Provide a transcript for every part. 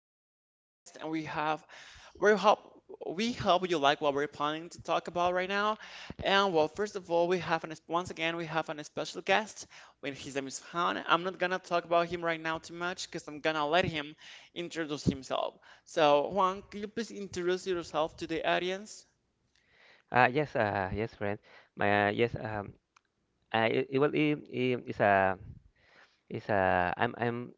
have an special guest and we hope we hope you like what we're planning to talk about right now. And well, first of all, we have an once again we have an special guest. When his name is Han, I'm not gonna talk about him right now too much because I'm gonna let him introduce himself. So Juan, could you please introduce yourself to the audience? Yes, yes, friend. My uh, yes, um, I it, it will it, it, it's a it's a I'm I'm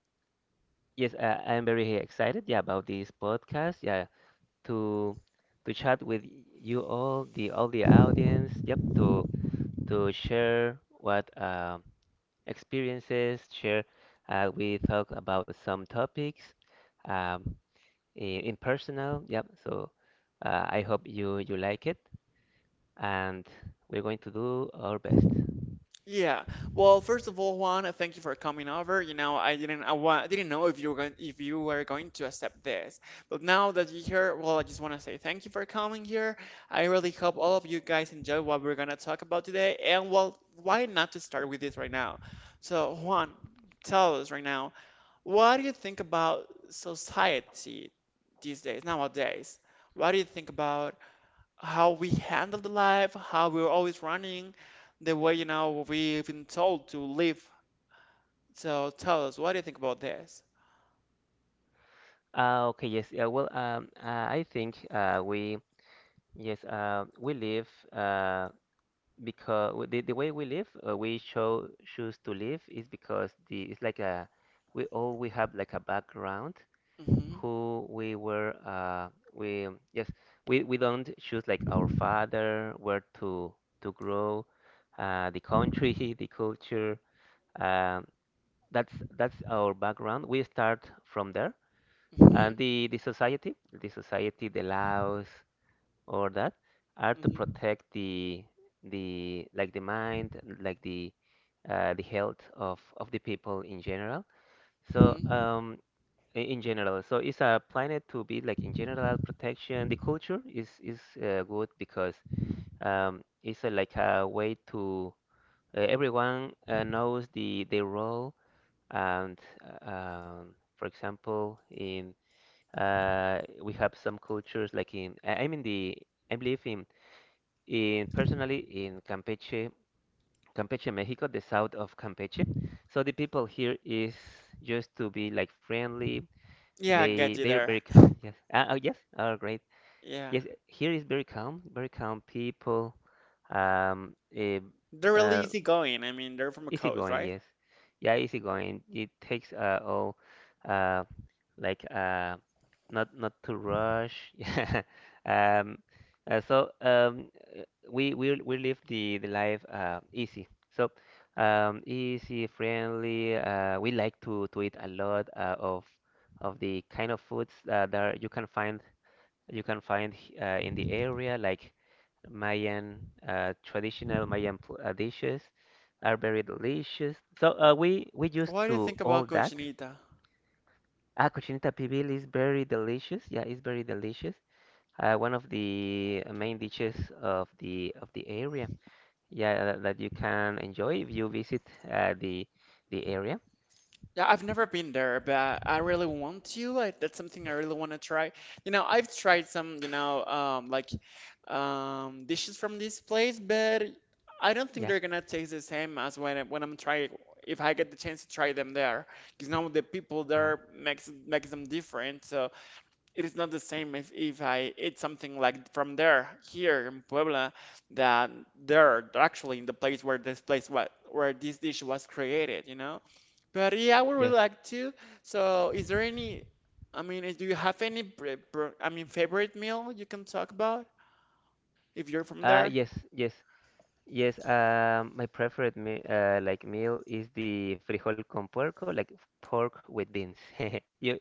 yes, I'm very excited. Yeah, about this podcast. Yeah, to to chat with you all the audience. Yep, to share what experiences share. We talk about some topics, um, in personal. Yep. So, I hope you like it, and we're going to do our best. Yeah. Well, first of all, Juan, thank you for coming over. You know, I didn't know if you were going to accept this. But now that you're here, well, I just want to say thank you for coming here. I really hope all of you guys enjoy what we're gonna talk about today. And well, why not to start with this right now? So, Juan, tell us right now, what do you think about society these days, nowadays? What do you think about how we handle the life, how we're always running, the way, you know, we've been told to live. So tell us, what do you think about this? Okay, yes. Well, I think, we live, because the way we live, we show choose to live is because the it's like a, we have, like, a background. Hmm. Who we were, we yes we, don't choose, like, our father, where to grow, the country the culture, um, that's that's our background. We start from there. Hmm. And the society, the society, the laws, or that are to Hmm. protect the, like, the mind, like the health of the people in general. So, Hmm. In general, so it's a planet to be, like, in general protection. The culture is good because, it's a, like, a way to, everyone, knows the role. And, uh, um, for example, in, we have some cultures, like, in I believe in, personally, in Campeche, Campeche, Mexico, the south of Campeche. So the people here is just to be, like, friendly. Yeah, I They get you they are there. very calm. Yes. Oh, yes. Oh, great. Yeah. Yes. Here is very calm. Very calm people. Um. eh, They're really Uh, easy going. I mean, they're from a coast, Easygoing, right? yes. Yeah, easygoing. It takes all, uh like, not to rush. Yeah. Um so, we live the life, easy. So, easy, friendly. We like to eat a lot, of the kind of foods, that you can find in the area, like Mayan, traditional Mayan, dishes are very delicious. So, we used What do you to think all about that. Cochinita? Ah, cochinita pibil is very delicious. Yeah, it's very delicious. One of the main dishes of the area. Yeah, that you can enjoy if you visit, the area. Yeah, I've never been there, but I really want to. Like, that's something I really want to try. You know, I've tried some, like dishes from this place, but I don't think Yeah. they're gonna taste the same as when I'm trying. If I get the chance to try them there, because now the people Uh, there makes them different. So it is not the same if I eat something like from there here in Puebla that there actually in the place where this place what where this dish was created. You know. But yeah, I would really yes. like to. So, is there any, I mean, do you have any, I mean, favorite meal you can talk about if you're from there? Yes. Yes. Yes, my preferred me like meal is the frijol con puerco, like, pork with beans. You,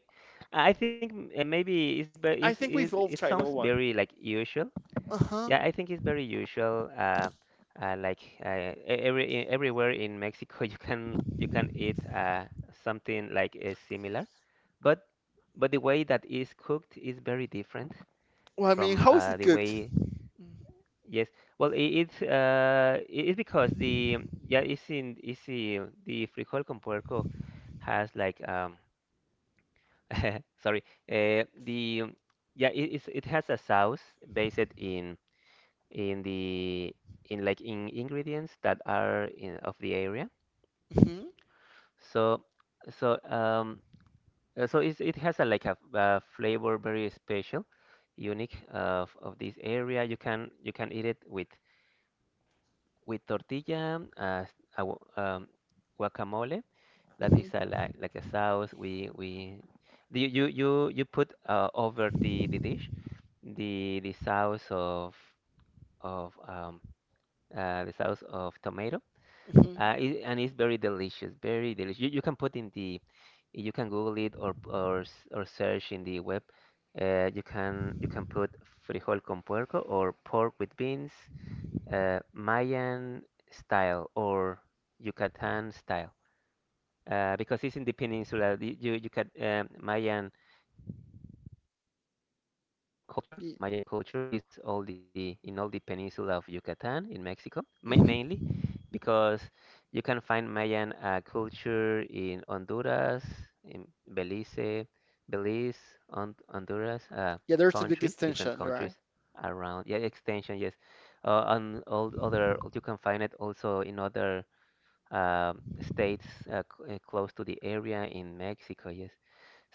I think, maybe it's, I think we've it all sounds tried that very, one. like, usual. Uh-huh. Yeah, I think it's very usual. Like, uh, everywhere in Mexico, you can eat, something like, similar, but the way that is cooked is very different Well, I mean, from, how is it the cooked? way. Yes. Well, it's, it's because the yeah, it's in the frijol con puerco has, like, sorry, the yeah it has a sauce based in, the, in, like, in ingredients that are in of the area. Mm-hmm. So so um so it's, it has a, like, a flavor very special, unique, of this area. You can eat it with, tortilla, a gu- um, guacamole. That is a, Mm-hmm. Like a sauce. We do You put, over the dish, the sauce of, of um the sauce of tomato. Mm-hmm. And it's very delicious, very delicious. You can put in the You can Google it, or search in the web. You can put frijol con puerco or pork with beans, Mayan style or Yucatan style, because it's in the peninsula. You got, Mayan people. Our culture, Y- Mayan culture, is all the in all the peninsula of Yucatan in Mexico, ma mm-hmm. mainly because you can find Mayan, culture in Honduras, in Belize, Belize, Honduras, Yeah, there's a big countries, different extension, right? countries around. Yeah, extension, yes. And all other you can find it also in other, uh, states, close to the area in Mexico. Yes.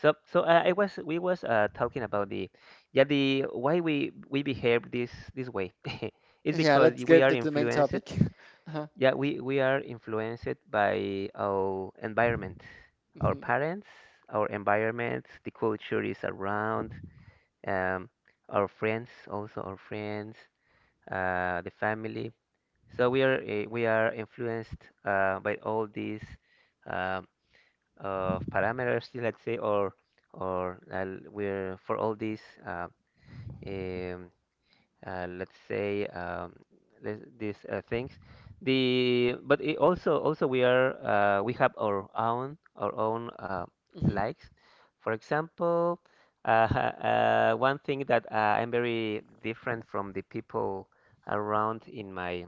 So, I was we was, talking about the, yeah, the why we behave this way is Yeah, because let's we get are to the main influenced. topic. Uh-huh. Yeah, we are influenced by our environment, our Mm-hmm. parents, our environment, the culture is around, um, our friends, also our friends, the family. So, we are influenced, by all these, Um, of parameters, let's say, or we're for all these, um, let's say, these, things. The But it, also we are, we have our own, Mm-hmm. likes. For example, one thing that, I'm very different from the people around, in my,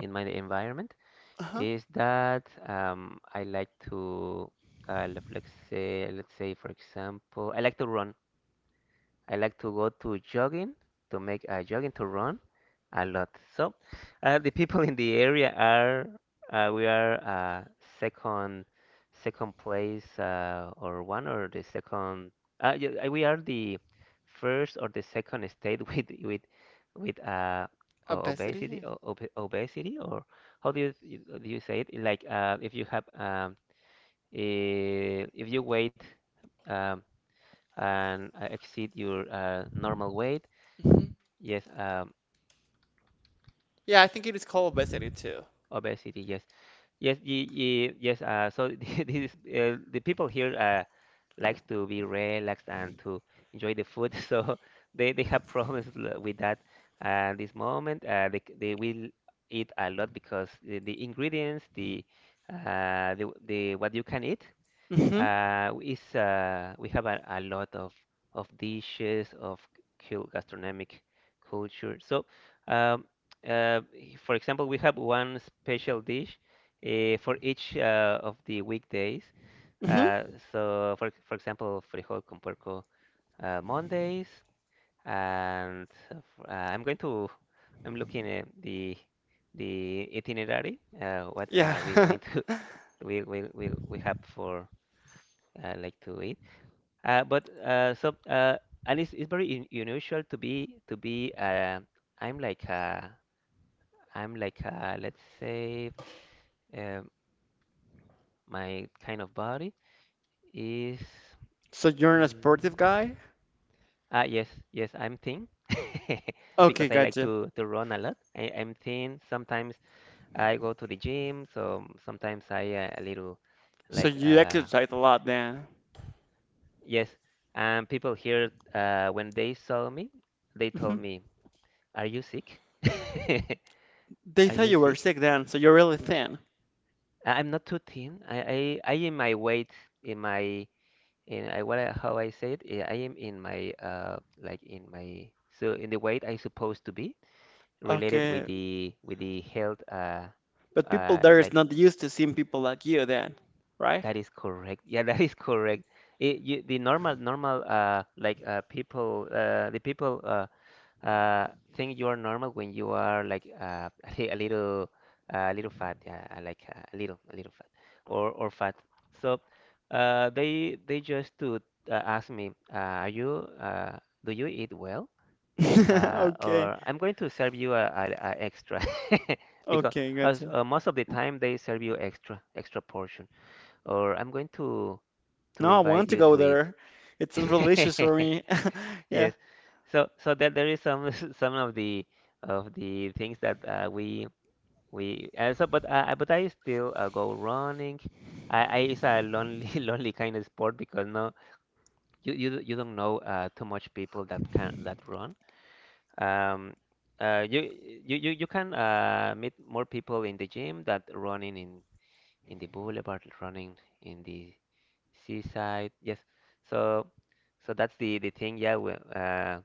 environment, Uh-huh. is that, I like to, let's say, let's say, for example, I like to run. I like to go to jogging, to make a jogging, to run a lot. So, the people in the area are, we are second, place, or one or the second. Yeah, we are the first or the second state with, with uh, Obesity. Obesity, or how do do you say it? Like, if you have, if you weight. Um, and, exceed your, normal weight. Mm-hmm. Yes, Yeah, I think it is called obesity too. obesity. Yes, yes, yes. So, this is, the people here, likes to be relaxed and to enjoy the food. So, they have problems with that. And this moment, they will eat a lot because the ingredients, the what you can eat. Mm-hmm. It's We have a, lot of, dishes of, gastronomic culture. So, um, uh, for example, we have one special dish, for each, of the weekdays. Mm-hmm. Uh, so, for, example, frijol con puerco, Mondays, and, I'm going to I'm looking at the itinerary. What, we're Yeah. going to we have for. I like to eat. But, and it's very un unusual to be, I'm like uh, I'm like, let's say, uh, my kind of body is. So you're an Mm, sportive guy? ah, yes, I'm thin. Okay, Because I like gotcha. to run a lot. I'm thin. Sometimes I go to the gym. So sometimes I, a little, So like you uh exercise a lot then. yes. And people here, when they saw me, they told Hmm. me. Are you sick? They Are thought you you were sick? sick then, so you're really thin. I'm not too thin. I am my weight in my, in I, what I, how I say it. I am in my, in my, so in the weight I supposed to be related Okay, with the health but people uh there is like not used to seeing people like you then, right? that is correct. Yeah, that is correct. The normal, people, the people Uh, think you are normal when you are, like, a little, a little fat. Yeah, I like a little fat, or, fat. So, they just to, ask me, are you, do you eat well? Okay, Or I'm going to serve you a, a extra. Because okay, as, gotcha. Most of the time they serve you extra, extra portion. Or I'm going to No, I invite want to you go to eat. there. It sounds delicious for me. Yeah. Yes. So that there is some some of the things that, we so but I still, go running. I it's a lonely lonely kind of sport because, no you you don't know, too much people that can, that run. Um uh you you can, meet more people in the gym that running in, the boulevard, running in the seaside. Yes. So so that's the thing. Yeah,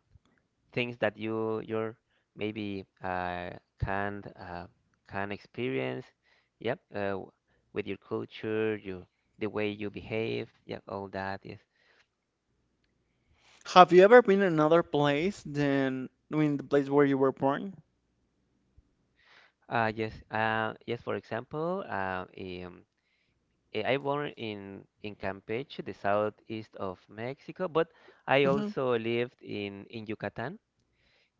things that you're, maybe, can, can experience. Yep, with your culture, your the way you behave. Yep, all that. Yes. Have you ever been in another place than I mean the place where you were born? Yes. Yes. For example, I born in, Campeche, the southeast of Mexico, but I Hmm. also lived in, Yucatan,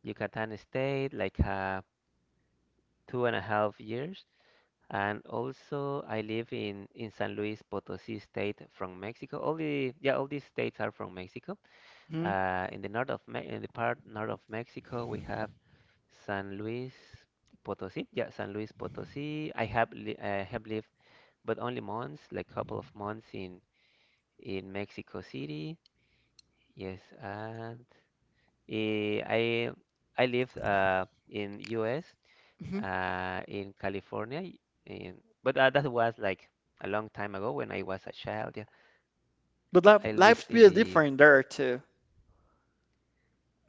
Yucatan state, like, 2.5 years. And also I live in, San Luis Potosí state from Mexico. All the Yeah, all these states are from Mexico. Hmm. In the north of, Me in the part north of Mexico, we have San Luis Potosí. Yeah, San Luis Potosí. I have lived, but only months, like, couple of months in, Mexico City. Yes, and eh, I I lived in U.S Hmm. In California. But that was like a long time ago when I was a child. Yeah, But life I life's lived in be the. different there too.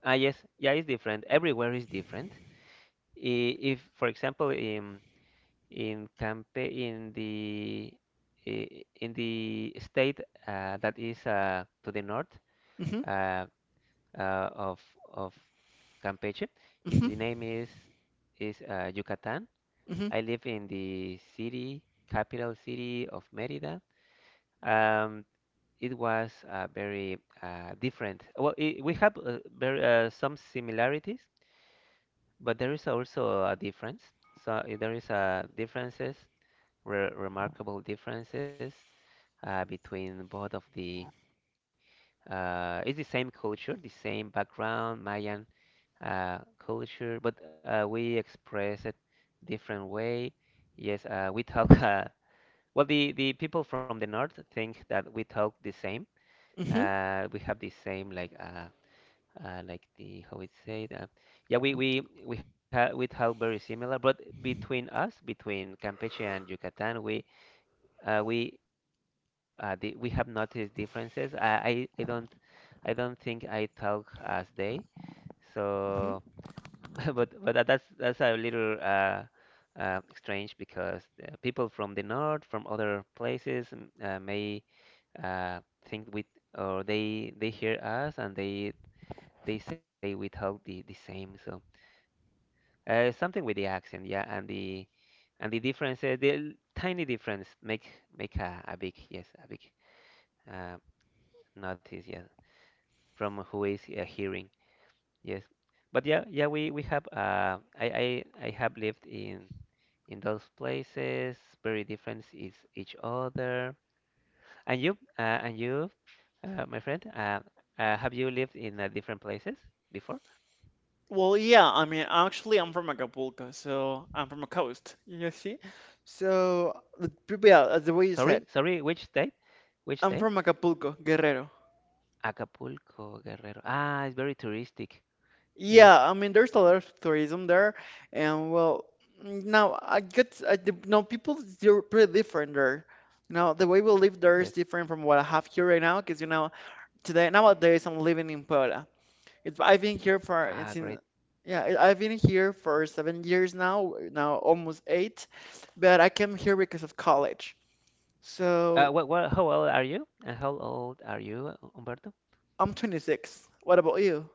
Ah, yes, yeah, it's different. Everywhere is different. If, for example, in Campe in the I- in the state that is to the north, Hmm. uh, uh, of of Campeche, Hmm. the name is Yucatan. Hmm. I live in the city, capital city of Mérida. Um, it was very different. Well, I we have some similarities, but there is also a difference. There is differences, re remarkable differences between both of the. It's the same culture, the same background, Mayan culture, but we express it different way. Yes, we talk. The people from the north think that we talk the same. Hmm. Hmm. Uh, we have the same like the how it said Yeah, we have very similar, but between us, between Campeche and Yucatan, we we have we have noticed differences. I don't think I talk as they. So but that's that's a little strange because people from the north, from other places, mm, may uh, think we, or they hear us, and they say without the, the same. So something with the accent, yeah, and the difference, the tiny difference make make a big, yes, a big, uh, notice, yeah, from who is hearing, yes. But yeah, yeah, we have, I have lived in those places, very different is each other. And you, my friend, have you lived in different places before? Well, yeah, I mean, actually, I'm from Acapulco, so I'm from a coast, you see? So, the people, yeah, the way you Sorry, said, sorry, which state? Which I'm state? from Acapulco, Guerrero. Acapulco, Guerrero. Ah, it's very touristic. Yes, Yeah, I mean, there's a lot of tourism there, and well, mm, now I get, I, the, now people, they're pretty different there. Now, the way we live there is yes. different from what I have here right now, because, you know, today, nowadays, I'm living in Puebla. It's, I've been here for Ah, it's in great. yeah, I've been here for 7 years now, almost eight, but I came here because of college, so How old are you? And how old are you, Humberto? I'm 26. What about you?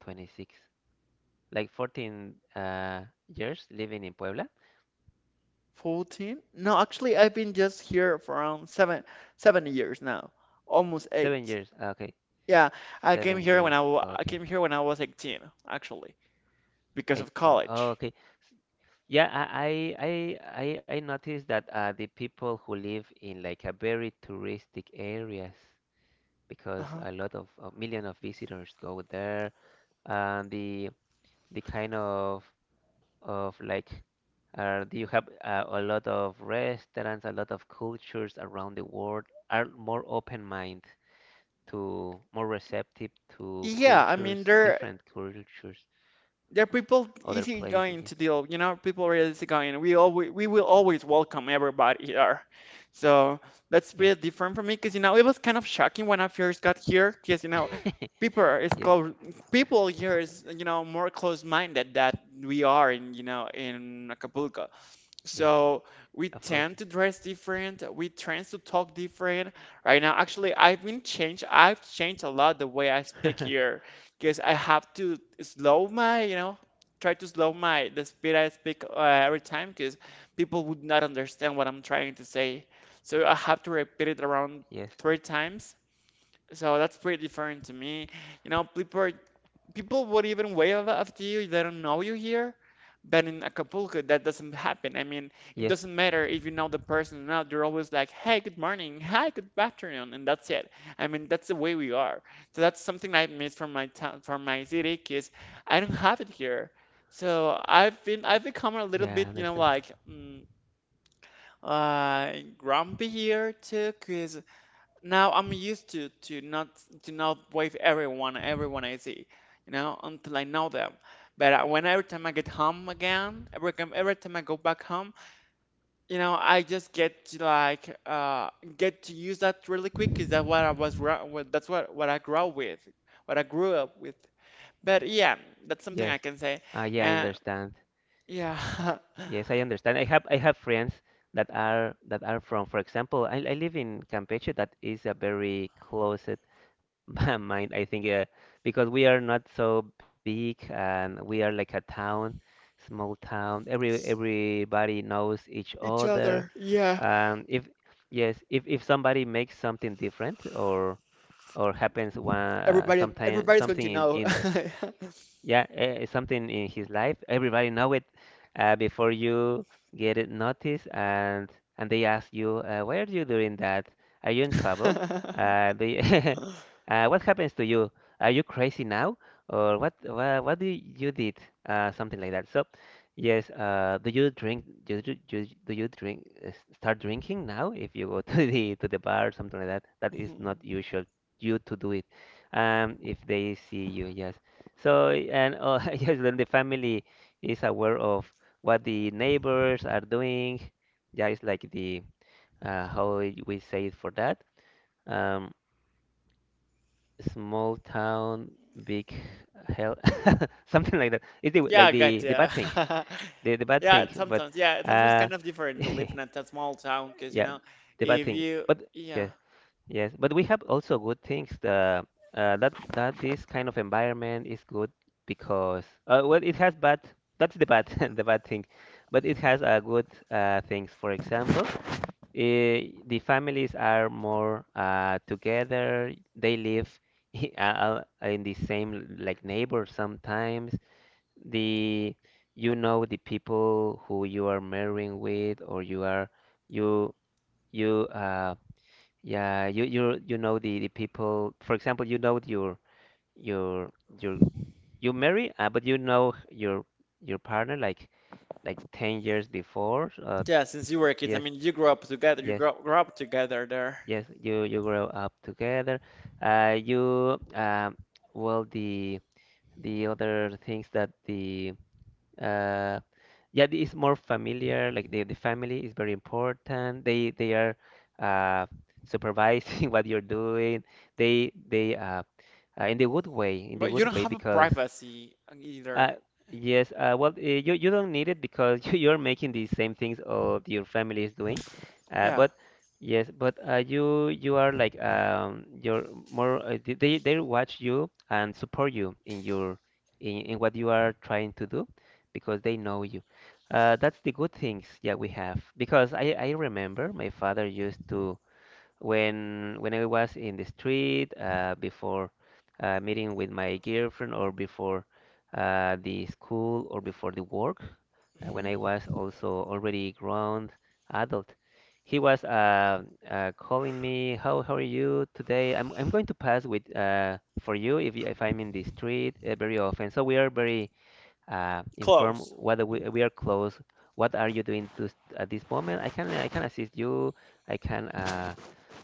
26. Like 14 years living in Puebla? 14? No, actually I've been just here for around seven years now, almost Seven eight, years. Okay. yeah. I came Seven here when years. I wa- I Okay. came here when I was 18 actually, because of 18. Oh, college. okay. Yeah, I noticed that the people who live in like a very touristic areas, because Uh-huh. a lot of, a million of visitors go there, and the kind of like, do you have a lot of restaurants, a lot of cultures around the world, are more open mind, to more receptive to Yeah, I mean cultures, there, different cultures there are of people other easy places. going to deal, people are easy going. We will always welcome everybody here. So that's Yeah. pretty different for me, because you know it was kind of shocking when I first got here, because you know Yes. people are- is Yes. close people here is, you know, more close minded that we are in, in Acapulco. Yes. So Of we course. tend to dress different. We tend to talk different. Right now, actually, I've been changed. I've changed a lot the way I speak here, because I have to slow my, you know, try to slow my the speed I speak every time, because people would not understand what I'm trying to say. So I have to repeat it around Yes. 3 times. So that's pretty different to me. You know, people would even wave after you. They don't know you here. But in Acapulco, that doesn't happen. I mean, it Yes. doesn't matter if you know the person or not. They're always like, hey, good morning. Hi, good afternoon. And that's it. I mean, that's the way we are. So that's something I miss from my town, from my city, 'cause I don't have it here. So I've been, I've become a little Yeah, I bit, you know, understand. like, mm, grumpy here too, because. Now I'm used to to not wave everyone I see, you know, until I know them. But when every time I go back home, you know, I just get to use that really quick. Is that what I was gra- what that's what I grow with, what I grew up with. But yeah, that's something I Yes. can say. Ah, yeah, I Uh, understand. yeah. Yes, I understand. I have friends that are, that are from, for example, I live in Campeche, that is a very closet mind, I think, because we are not so big, and we are like a town, small town. Everybody knows each Each other. other. Yeah, If, yes, if somebody makes something different or happens one everybody sometime everybody's going to something know. in, yeah, something in his life. Everybody know it before you get it noticed, and they ask you, "Why are you doing that? Are you in trouble? Do you what happens to you? Are you crazy now, or what? What do you did? Something like that." So, yes, do you drink? Do you, do you, do you drink? Start drinking now if you go to the bar, something like that. That is not usual. You to do it, if they see you, yes. So, and yes, then the family is aware of what the neighbors are doing. Yeah, it's like the how we say it for that. Um, Small town, big hell, something like that. It's the, Yeah, like I got the ya. bad thing, the bad Yeah, thing. But sometimes. Yeah, sometimes it's uh, kind of different to yeah, live in a small town because, you know, the bad if thing. you, But yeah. yes, yes, but we have also good things. The, that that this kind of environment is good because well, it has bad. That's the bad, the bad thing, but it has good things. For example, the families are more together. They live in the same like neighbor sometimes. The, you know, the people who you are marrying with, or you are, you you yeah, you know the people. For example, you know your your you marry, but you know your partner like 10 years before. Yeah, since you were kids, I Yes, mean, you grew up together. You yes, grew up together there. yes. You grow up together. You well the other things that the, Uh, yeah, it's more familiar. Like the family is very important. They are uh, supervising what you're doing. They In the good way, in the But you good don't way, have a because privacy either. uh, yes, well, you, you don't need it because you, you're making the same things of your family is doing. Yeah. But yes, but you you are like, you're more, they watch you and support you in your, in what you are trying to do because they know you. That's the good things that we have, because I remember my father used to, when I was in the street, before meeting with my girlfriend, or before the school, or before the work, when I Hmm. was also already grown adult, he was, calling me, how are you today, I'm going to pass with for you, if you, if I'm in the street very often, so we are very inform, Close. whether Mm. we are close. What are you doing to, at this moment? I can assist you. I can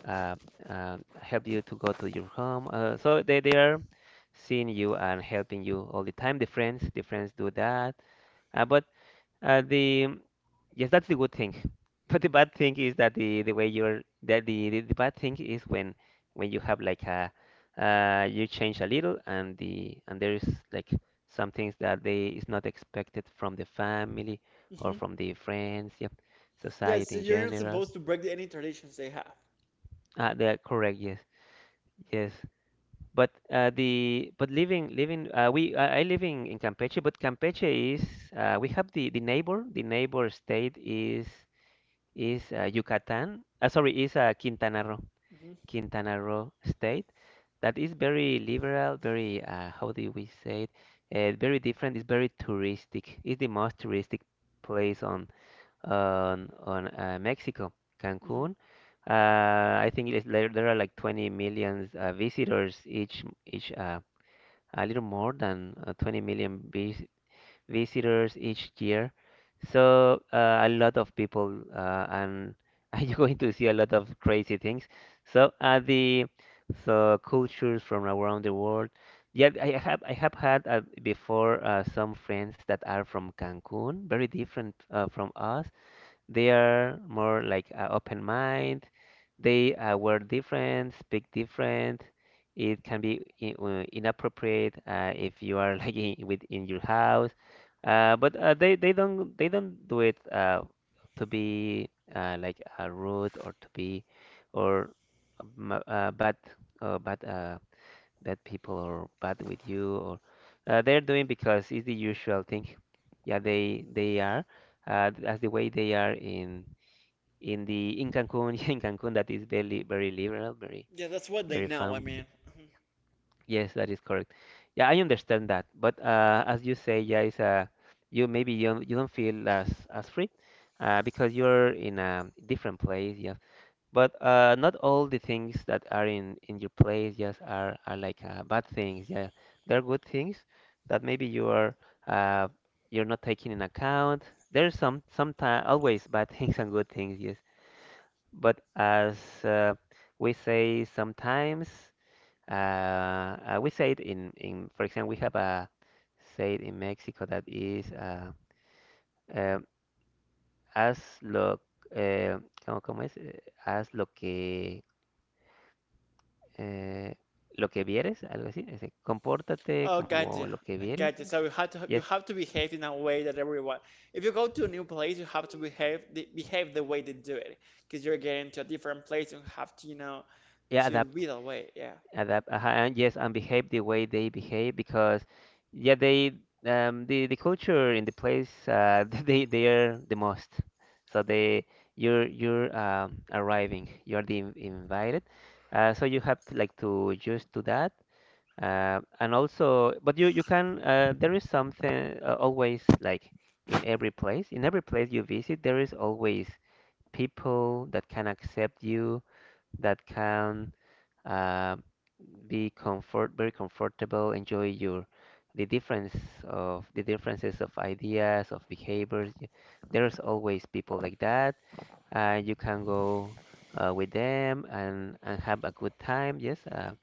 uh, help you to go to your home. So they are seeing you and helping you all the time. The friends, the friends do that. But the, yes, that's the good thing. But the bad thing is that the way you're, that the bad thing is when you have like a you change a little, and the, and there is like some things that they is not expected from the family or Mm-hmm. from the friends, yep, Yeah, society so in you're not general. supposed to break the, any traditions they have. Ah, they are correct. Yes, yes. But the, but living, living, we I live in Campeche, but Campeche is we have the neighbor state is Yucatan. Sorry, is Quintana Roo, Hmm. Quintana Roo state, that is very liberal, very how do we say it? Very different. It's very touristic. It's the most touristic place on Mexico, Hmm. Cancun. Uh, I think it is, there are like 20 million visitors each a little more than 20 million visitors each year. So a lot of people and you're going to see a lot of crazy things. So the, so cultures from around the world. Yeah, I have had before some friends that are from Cancun, very different from us, they are more like open mind. They wear different, speak different. It can be inappropriate if you are like in, within your house. But they don't do it to be like rude, or to be, or bad, bad, that people are bad with you, or they're doing because it's the usual thing. Yeah, they are as the way they are in the in Cancun, in Cancun, that is very very liberal, very Yeah, that's what they very know, I fun. mean. Yes, that is correct. Yeah, I understand that, but as you say, yeah, it's you, maybe you don't feel as free because you're in a different place. Yeah, but not all the things that are in your place just are like bad things. Yeah, there are good things that maybe you are uh, you're not taking in account. There's some, sometimes, always bad things and good things. Yes, but as uh, we say sometimes, we say it in, for example, we have a say it in Mexico that is eh, haz lo, eh, ¿cómo, cómo es? Eh, haz lo que, eh, lo que vieres, algo así, ese, compórtate Oh, como gotcha. lo que I vieres. gotcha. So you Yes, have to behave in a way that everyone. If you go to a new place, you have to behave the way they do it, because you're getting to a different place and have to you know yeah, to adapt, be that way. Yeah. adapt. Ajá, and yes, and behave the way they behave because, yeah, they, the culture in the place they are the most. So they, you're arriving, you're the invited. So you have to like to just do that. And also, but you can there is something always like in every place. In every place you visit, there is always people that can accept you, that can uh, be comfort very comfortable, enjoy your the difference of the differences of ideas, of behaviors. There's always people like that. You can go with them and have a good time. Yes, uh,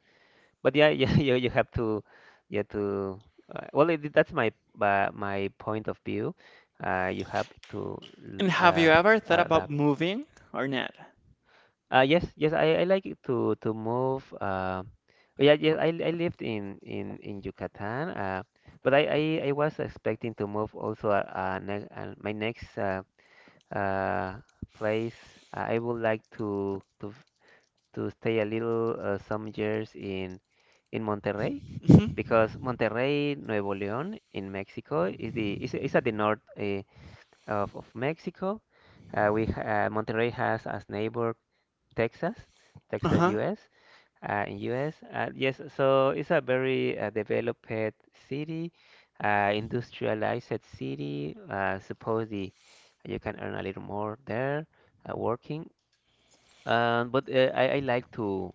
but yeah, yeah, you have to, you have to. That's my point of view. You have to l- And have you uh, ever thought about adapt. moving or not? Yes, yes, I like it to move. Oh, yeah, yeah, I lived in in Yucatan. But I was expecting to move also. Ne My next uh place. I would like to stay a little some years in Monterrey Hmm. because Monterrey, Nuevo León in Mexico is is at the north of Mexico. Monterrey has as neighbor Texas, Texas, Uh-huh. U.S. In U.S. So it's a very developed city, industrialized city. Suppose the you can earn a little more there working. But I like to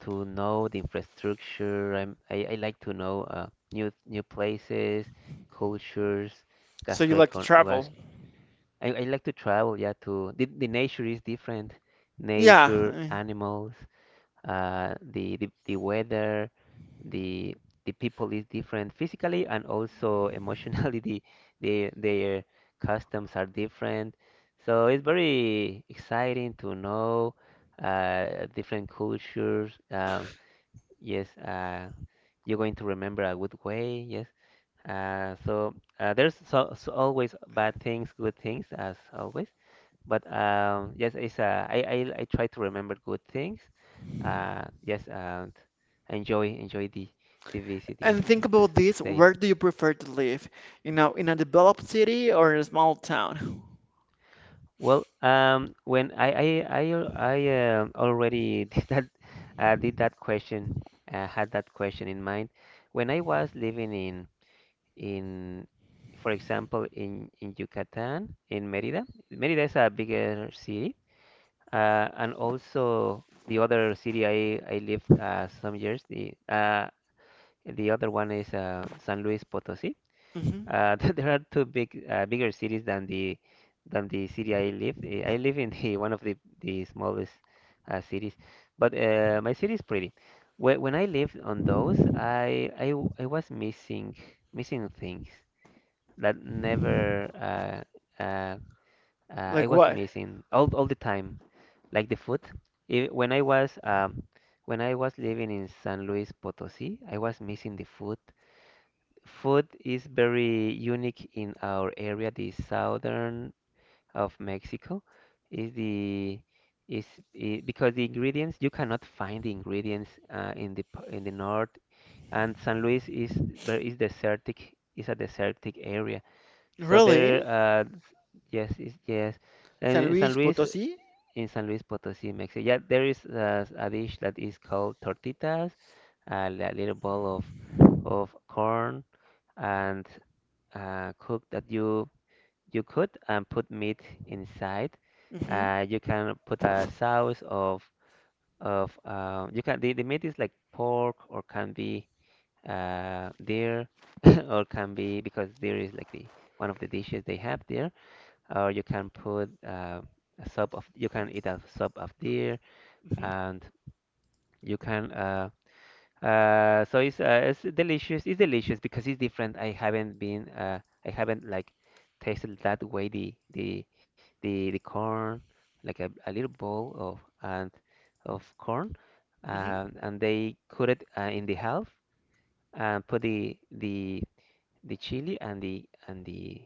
know the infrastructure. I like to know new places, cultures, So you like to gastroecon. Gas, travel? I like to travel. Yeah, to the nature is different. Yeah. Nature, animals, the, the weather, the the people is different physically and also emotionally. Their customs are different. So it's very exciting to know different cultures. Yes, you're going to remember a good way. Yes. So always bad things, good things, as always. But yes, it's I try to remember good things. Yes, and enjoy the visit. Yes, And think to about s- this. stay. Where do you prefer to live? You know, in a developed city or in a small town? Well, when I already did that question had that question in mind when I was living in in, for example, in Yucatan, in Merida. Merida is a bigger city, and also the other city I lived some years, the other one is San Luis Potosí. Hmm. There are two big bigger cities than the city I live. I live in the one of the smallest cities, but my city is pretty. When I lived on those, I was missing things that never I Like was what? missing all the time, like the food. If, when I was living in San Luis Potosí, I was missing the food. Food is very unique in our area, the southern of Mexico, is the is I because the ingredients you cannot find the ingredients in the north, and San Luis is is a desertic area so there, Really? Yes, San and Luis Potosí? in San Luis Potosí, Mexico, yeah, there is a dish that is called tortitas, a little ball of corn and cook that you cook and put meat inside. Hmm. You can put a sauce of you can the meat is like pork or can be deer or can be because deer is like the one of the dishes they have there or you can put a sub of you can eat a sub of deer Hmm. and you can it's delicious because it's different I haven't been I haven't like tasted that way the corn like a little bowl of and of corn and they cut it in the half and put the chili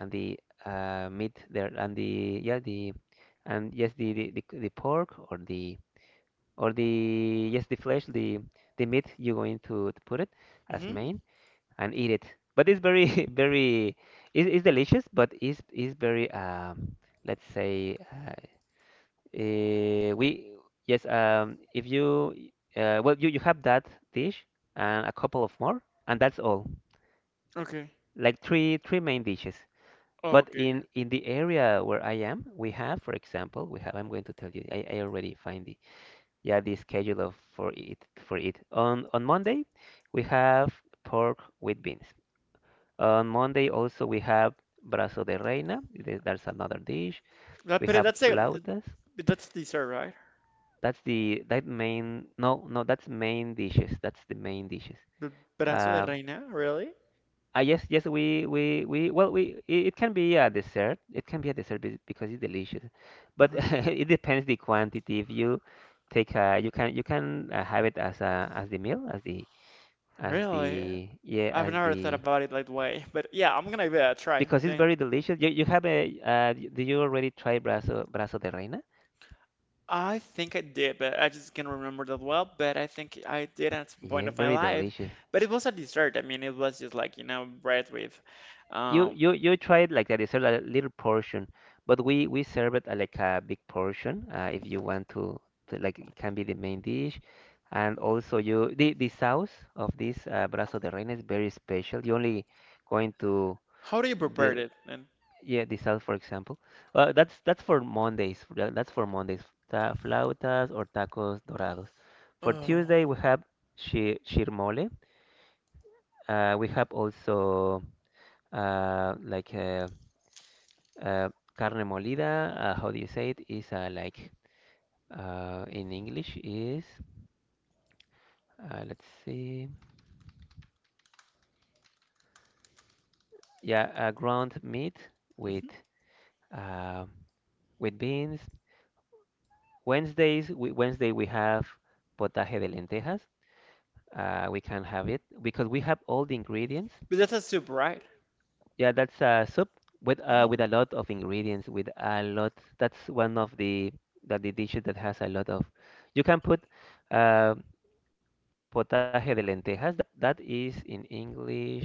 and the meat there and the yeah the and yes the pork or the yes the flesh the meat you're going to put it as Hmm. main and eat it but it's very very it's delicious but it's very let's say eh, we yes if you well you have that dish and a couple of more and that's all Okay. like three main dishes. Oh, But okay, okay. In the area where I am, we have, for example, we have. I'm going to tell you. I already find the yeah the schedule of for it. On Monday, we have pork with beans. On Monday also we have brazo de reina. That's another dish. That, We but have that's a, flautas. but that's dessert, right? That's the that main no no that's main dishes. That's the main dishes. B- Brazo de Uh, reina, really? Ah, yes, yes, we, well, we, it can be a dessert. It can be a dessert because it's delicious, but Uh-huh. it depends the quantity. If you take, you can have it as a, as the meal, Really? Yeah, I've as never thought the, about it that way. But yeah, I'm gonna give it a try because it's then. very delicious. You have a, do you already try brazo de reina? I think I did, but I just can't remember that well. But I think I did at some point Yes, of my very life. delicious. But it was a dessert. I mean, it was just like, you know, bread with. Um, You try it like that. You serve a little portion, but we serve it like a big portion. If you want to like it can be the main dish, and also you the sauce of this brazo de reina is very special. You only going to how do you prepare the it then? yeah the sauce for example. That's that's for Mondays. That's for Mondays. Ta flautas or tacos dorados. For Oh. Tuesday we have chirmole. We have also uh, like. uh, Uh, carne molida, how do you say it? Is like in English is let's see, yeah, ground meat with Hmm. uh, with beans. Wednesday we have potaje de lentejas. We can have it because we have all the ingredients. But that's a soup, right? Yeah, that's a soup with Hmm. a lot of ingredients, with a lot. That's one of the that the dishes that has a lot of. You can put. Uh, Potaje de lentejas. That is in English.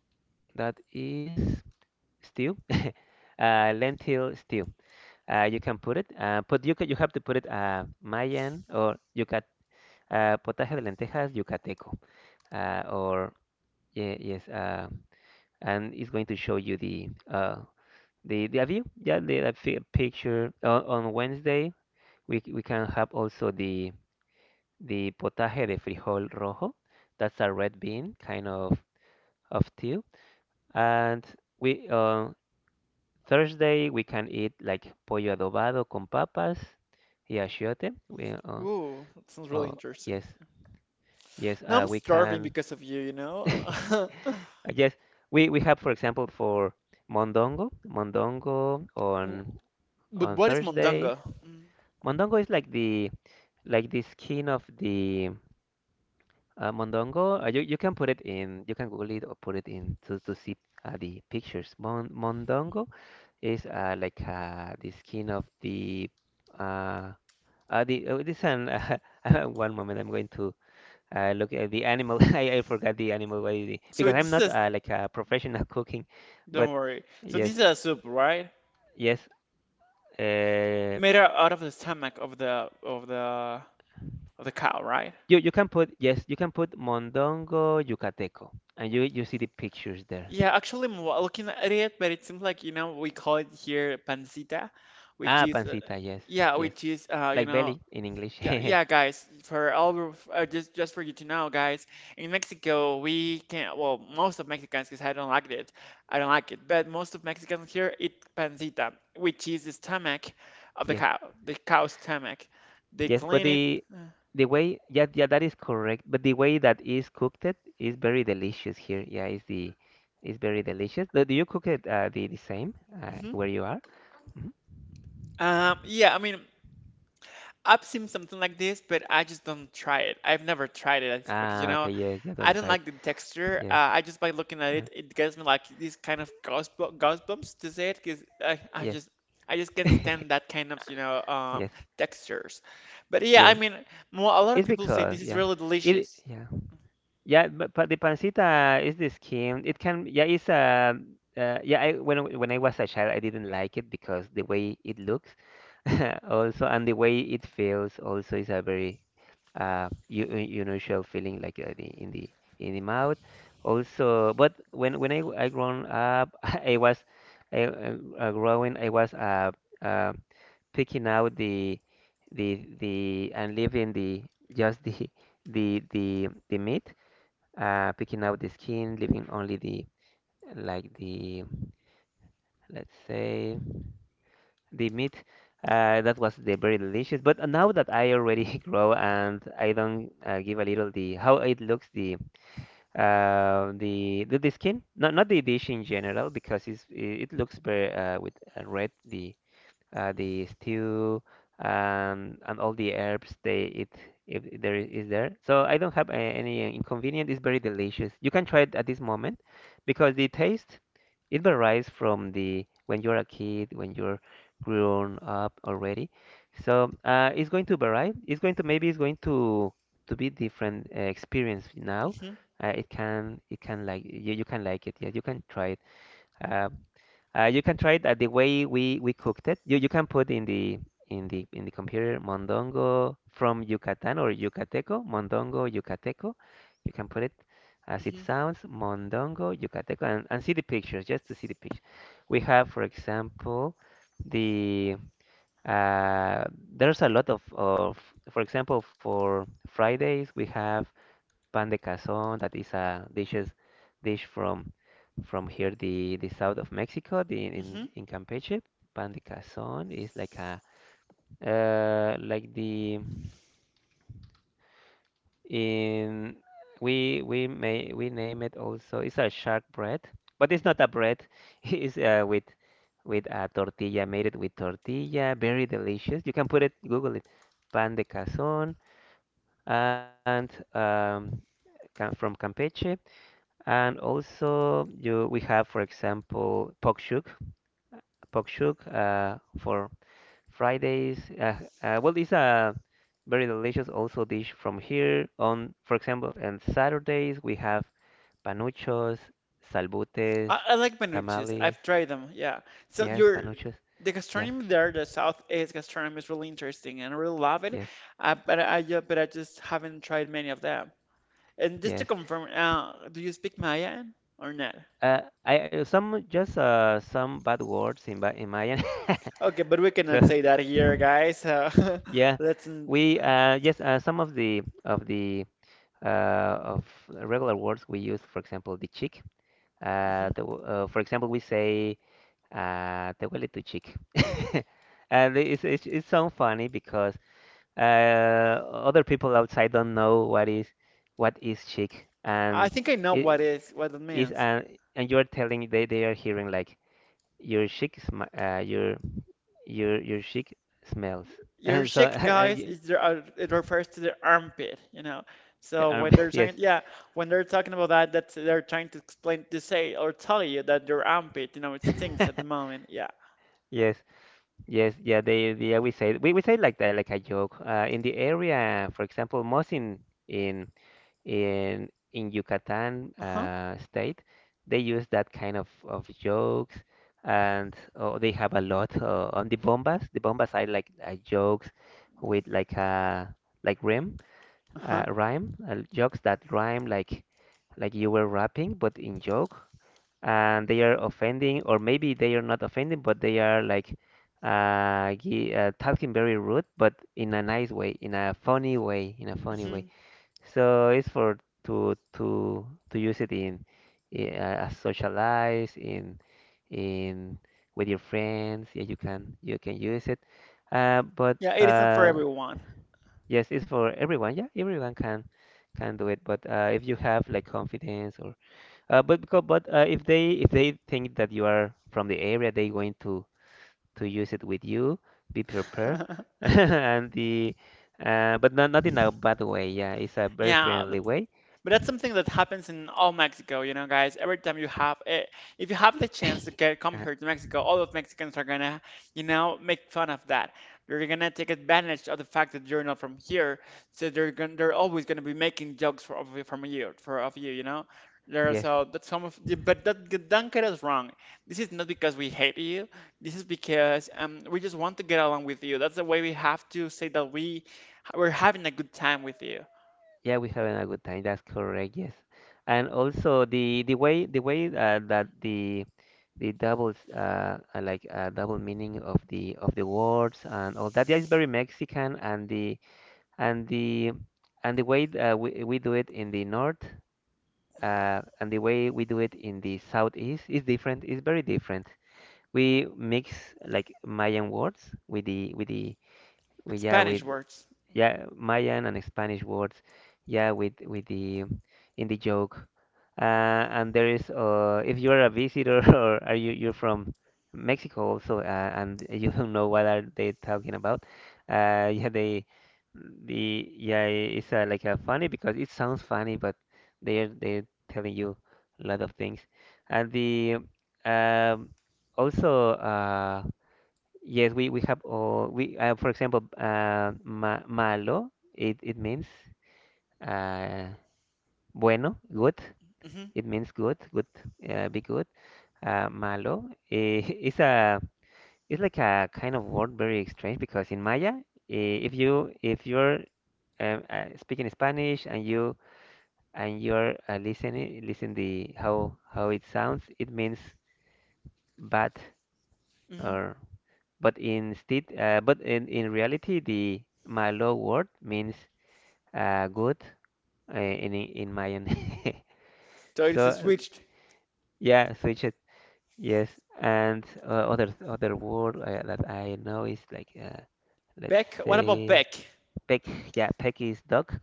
That is stew. Lentil stew. You can put it, but you have to put it Mayan or yucat potaje de lentejas yucateco or yeah, yes, and it's going to show you the view. Yeah, the picture on Wednesday. We can have also the potaje de frijol rojo. That's a red bean, kind of tea. And we Thursday we can eat like pollo adobado con papas y achiote. We Ooh, that sounds uh, really interesting. yes Yes Now I'm we starving can because of you, you know? yes we have for example for mondongo W- But on what is Thursdays. mondongo? Mm. Mondongo is like the skin of the mondongo. You you can put it in you can Google it or put it in to see the pictures. Mondongo is like the skin of uh, the oh, this an one moment I'm going to look at the animal. I forgot the animal what is it- So because I'm this not is, like a professional cooking, but don't worry. So yes, this is a soup, right? yes. Uh, Made out of the stomach of the of the cow, right? you you can put yes you can put mondongo yucateco and you see the pictures there. Yeah, actually, I'm looking at it, but it seems like, you know, we call it here pancita, which Ah, is, pancita. Yes, yeah, yes. which is, you Like know. belly in English. Yeah, yeah, guys. For just for you to know, guys, in Mexico we can, well, most of Mexicans, because I don't like it, but most of Mexicans here eat pancita, which is the stomach of the Yes. cow, the cow's stomach. They Yes, but clean it. Uh, the way yeah yeah that is correct. But the way that is cooked it is very delicious here. Yeah, is very delicious. Do you cook it the same mhm. where you are? Mhm. Yeah, I mean I've seen something like this, but I just don't try it. I've never tried it, it's because you Ah, know, okay. Yes, yeah. I Don't don't try it. like the texture. Yes. I just by looking at Uh, it, it gives me like these kind of goosebumps to say it because yes. I just can't stand that kind of, you know, Yes. textures. But yeah, I Yes. mean, mo a lot of It's people say because this is yeah. really It delicious. yeah. Yeah, but the pancita is the skin. It can, yeah, it's a, yeah. When when I was a child, I didn't like it because the way it looks, also, and the way it feels, also, is a very unusual feeling, like in the mouth. Also, but when I grown up, I was growing. I was uh, picking out the and leaving the just the the meat picking out the skin, leaving only the like the let's say the meat. That was the very delicious. But now that I already grow and I don't give a little the how it looks the the skin, not not the dish in general because it looks very with red the stew and all the herbs they it if there is there. So I don't have a, any inconvenience. It's very delicious. You can try it at this moment because the taste it varies from the when you're a kid, when you're grown up already. So it's going to vary. It's going to maybe it's going to be different experience now. Hmm. It can like you can like it. Yeah, you can try it. Um, you can try it the way we cooked it. You can put in the in the in the computer mondongo from Yucatan or Yucateco, mondongo Yucateco. You can put it as it Hmm. sounds, mondongo Yucateco, and see the pictures just to see the picture. We have, for example, the uh, there's a lot of for example for Fridays we have pan de cazón, that is a dish from here the south of Mexico, the Hmm. in Campeche. Pan de cazón is like a like the in we may we name it also. It's a shark bread, but it's not a bread. It's with a tortilla, made it with tortilla, very delicious. You can put it, Google it, pan de cazón, and cam- from Campeche. And also you we have, for example, Pokchuk. Pokchuk for Fridays. Well, it's a very delicious also dish from here. On, for example, on Saturdays we have panuchos, salbutes, I like manuchis. tamales. I've tried them. Yeah. So Yes, your, panuchos. the Yeah, gastronomy there, the Southeast gastronomy is really interesting and I really love it. yes, But but I just haven't tried many of them. And just yes. to confirm, do you speak Mayan or not? I some just some bad words in Ba- in Mayan. Okay, but we So. cannot say that here, guys. Yeah, let's. n- we yes, some of the of regular words we use, for example, the chick. Mhm. For example, we say "te huele tu chick," and it's so funny because other people outside don't know what is chick, I and think I know it what is what it is means. And you're telling they are hearing like your chick sm uh, your your chick smells, Your and so cheek, guys, is their, it refers to their armpit, you know. So uh, when they're yes. trying, yeah, when they're talking about that, that's they're trying to explain to say or tell you that their armpit, it stinks at the moment. Yeah. Yes, yes, yeah. Yeah, we say like that, like a joke. In the area, for example, most in in in Yucatan Uh-huh. State, they use that kind of jokes, and oh, they have a lot on the bombas. The bombas are like jokes with like rhyme, Uh-huh. Jokes that rhyme like you were rapping, but in joke and they are offending, or maybe they are not offending, but they are like talking very rude, but in a nice way, in a funny way, in a funny way. Hmm. So it's for to use it in socialize in with your friends. Yeah, you can use it, but Yeah, it is not for everyone. yes, it's for everyone. Yeah, everyone can do it. But if you have like confidence or but because, but if they think that you are from the area, they going to use it with you. Be prepared, and the but not not in a bad way. Yeah, it's a very Yeah, friendly way. but that's something that happens in all Mexico, guys. Every time you have, if you have the chance to get come Uh, here to Mexico, all of Mexicans are gonna, make fun of that. They're gonna take advantage of the fact that you're not from here, so they're gonna, they're always gonna be making jokes for of, you- from you, for of you, you know. There, yes, so that's some of, the, but that don't get us wrong. This is not because we hate you. This is because we just want to get along with you. That's the way we have to say that we're having a good time with you yeah, we having a good time. That's correct. Yes, and also the way that the doubles like double meaning of the words and all that. Yeah, it's very Mexican and and the the way we do it in the north and the way we do it in the southeast is different is very different we mix like Mayan words with the with Spanish with words. yeah, Mayan and Spanish words, yeah, with the in the joke. And there is, if you're a visitor or are you you're from Mexico also, and you don't know what are they talking about, uh, yeah, they it's like funny because it sounds funny, but they're telling you a lot of things, and the um, also Yes, we have all we for example ma malo it means uh, bueno good Mm-hmm. it means good be good malo it's a it's like a kind of word very strange because in Maya if you if you're speaking Spanish and you and you're listening listen the how it sounds it means bad Hmm. or But instead, but in reality, the Malo word means good in Mayan. So it So is switched. yeah, switch it. Yes, and other word that I know is like let's Beck? What about say Beck? peck. Yeah, peck is dog.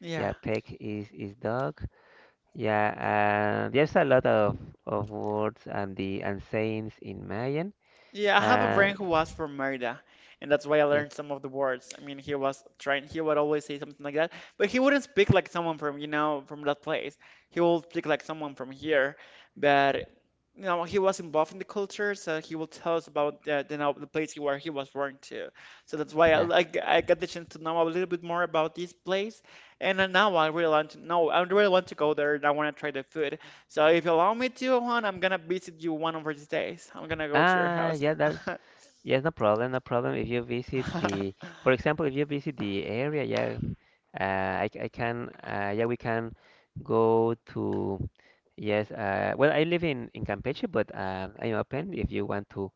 Yeah. Yeah, peck is dog. Yeah, there's a lot of words and the and sayings in Mayan. Yeah, I have a Uh, friend who was from Merida, and that's why I yes, learned some of the words. I mean, he was trying, he would always say something like that, but he wouldn't speak like someone from, from that place. He would speak like someone from here, but, he was involved in the culture, so he will tell us about the, know, the place where he was born to. So that's why I, yeah. like I got the chance to know a little bit more about this place, and now I really want to know, I really want to go there, and I want to try the food. So if you allow me to, Juan, I'm gonna visit you one of these days. I'm gonna go to your Ah, house. yeah, that's yes, no problem, no problem. If you visit the, for example, if you visit the area, yeah, I can, yeah, we can go to, yes, well, I live in Campeche, but I'm open if you want to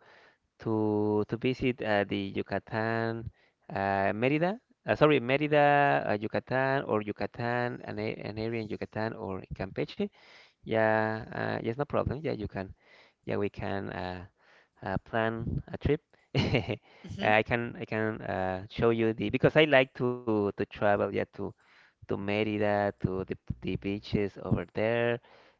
to visit the Yucatan, Mérida, sorry, Mérida, Yucatan, or Yucatan, an area in Yucatan or in Campeche. Yeah, yes, no problem. Yeah, you can. Yeah, we can. Plan a trip. I can show you the because I like to travel yeah to Merida to the beaches over there,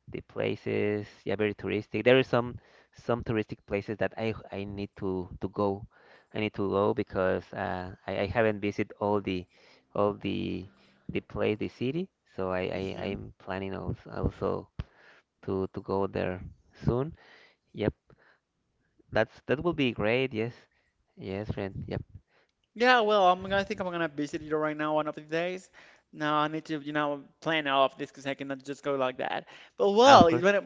the places yeah very touristic. There is some touristic places that I need to go. I need to go because I haven't visited all the all the the place the city. So I hmm. I'm planning also also to go there soon. Yep. That's that will be great. Yes, yes, friend. Yep. Well, I think I'm gonna visit you right now one of these days. Now I need to, plan all of this because I cannot just go like that. But Ah, well, of course.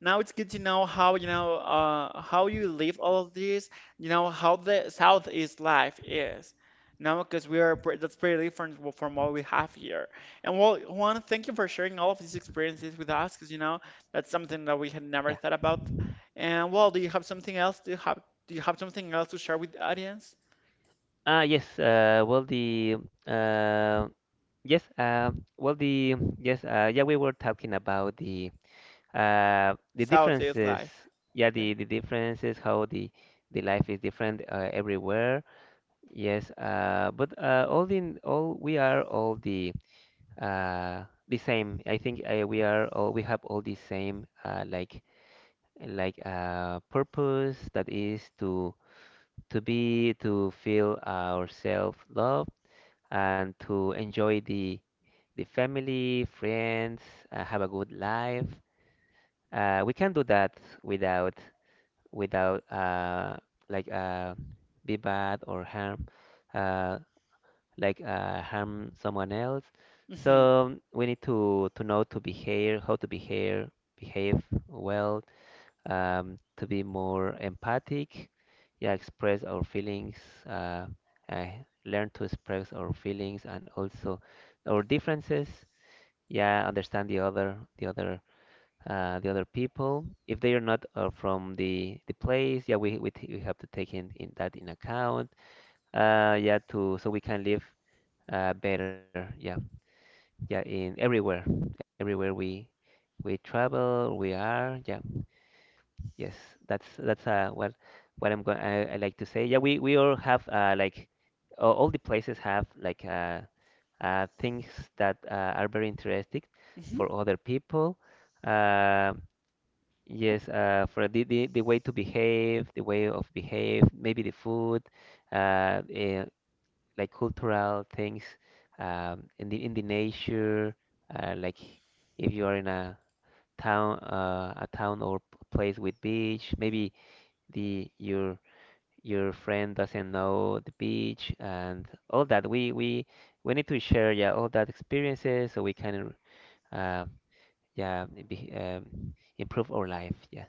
now it's good to know how you live all of this. You know how the Southeast life is. You know, because we are pre that's pretty different w- from what we have here. And well, Juan, thank you for sharing all of these experiences with us, because you know that's something that we had never Yeah. thought about. And well, do you have something else? Do you have something else to share with the audience? Ah, yes. Well, the yes. Well, the yes. Yeah, we were talking about the Southeast differences. life. Yeah, Yeah. The differences how the life is different everywhere. Yes. But all in all, we are all the same. I think we are all we have all the same like a purpose that is to be to feel our self love and to enjoy the family, friends, have a good life. We can do that without without like uh, be bad or harm uh, harm someone else. Hmm. So we need to know to behave, how to behave, behave well to be more empathic, yeah, express our feelings, uh, uh, learn to express our feelings and also our differences. Yeah, understand the other people. If they are not from the place, yeah, we have to take in that in account. Yeah, to so we can live better. Yeah, yeah, in everywhere, everywhere we travel, we are. Yeah. Yes, that's what I'm going. I like to say. Yeah, we all have all the places have like things that are very interesting Hmm. for other people. Uh, yes, for the way to behave, the way of behave, maybe the food, uh, eh, like cultural things, in the nature, like if you are in a town or place with beach, maybe the your friend doesn't know the beach and all that. We we need to share yeah all that experiences so we can uh, yeah improve our life. Yeah.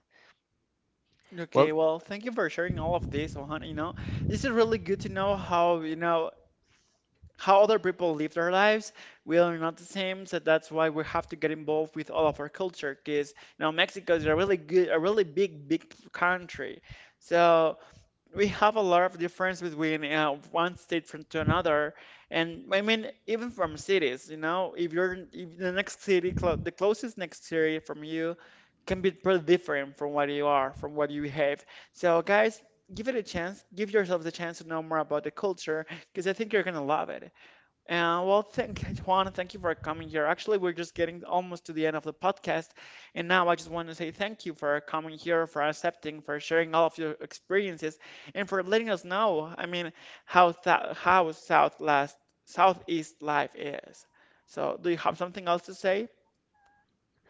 Well, Okay, well, thank you for sharing all of this, Juan. You know, this is really good to know how, how other people live their lives. We are not the same, so that's why we have to get involved with all of our culture, because, Mexico is a really good, a really big country. So we have a lot of difference between one state from to another, and I mean even from cities. You know, if you're in- if the next city, clo the closest next city from you, can be pretty different from what you are, from what you have. So guys, give it a chance. Give yourself the chance to know more about the culture, because I think you're gonna love it. Well, thank Juan, thank you for coming here. Actually, we're just getting almost to the end of the podcast, and now I just want to say thank you for coming here, for accepting, for sharing all of your experiences, and for letting us know. I mean, how th how South last Southeast life is. So, do you have something else to say?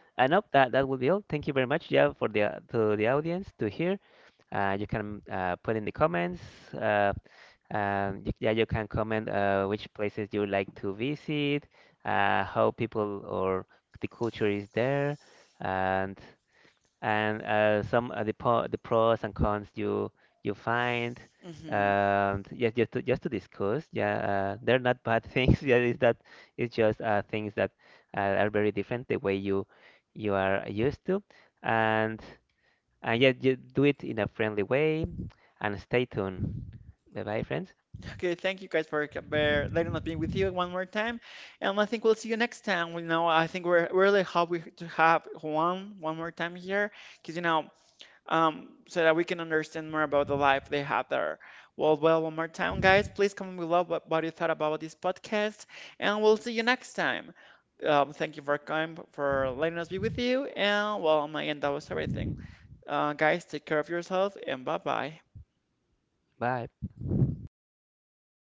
I know that that will be all. Thank you very much, yeah, for the to the audience to hear. You can put in the comments. Uh, yeah, you can comment which places you like to visit, how people or the culture is there, and some the pros and cons you you find Hmm. Yes just to discuss yeah they're not bad things yeah it's that it's just things that are very different the way you you are used to and and yeah you do it in a friendly way and stay tuned bye bye friends Okay, thank you guys for c- bear- letting us be with you one more time, and I think we'll see you next time. You know, I think we really happy to have Juan one more time here, because so that we can understand more about the life they have there. Well, one more time, guys, please comment below what you thought about this podcast, and we'll see you next time. Thank you for coming, for letting us be with you, and well, on my end, that was everything. Guys, take care of yourself, and bye bye. bye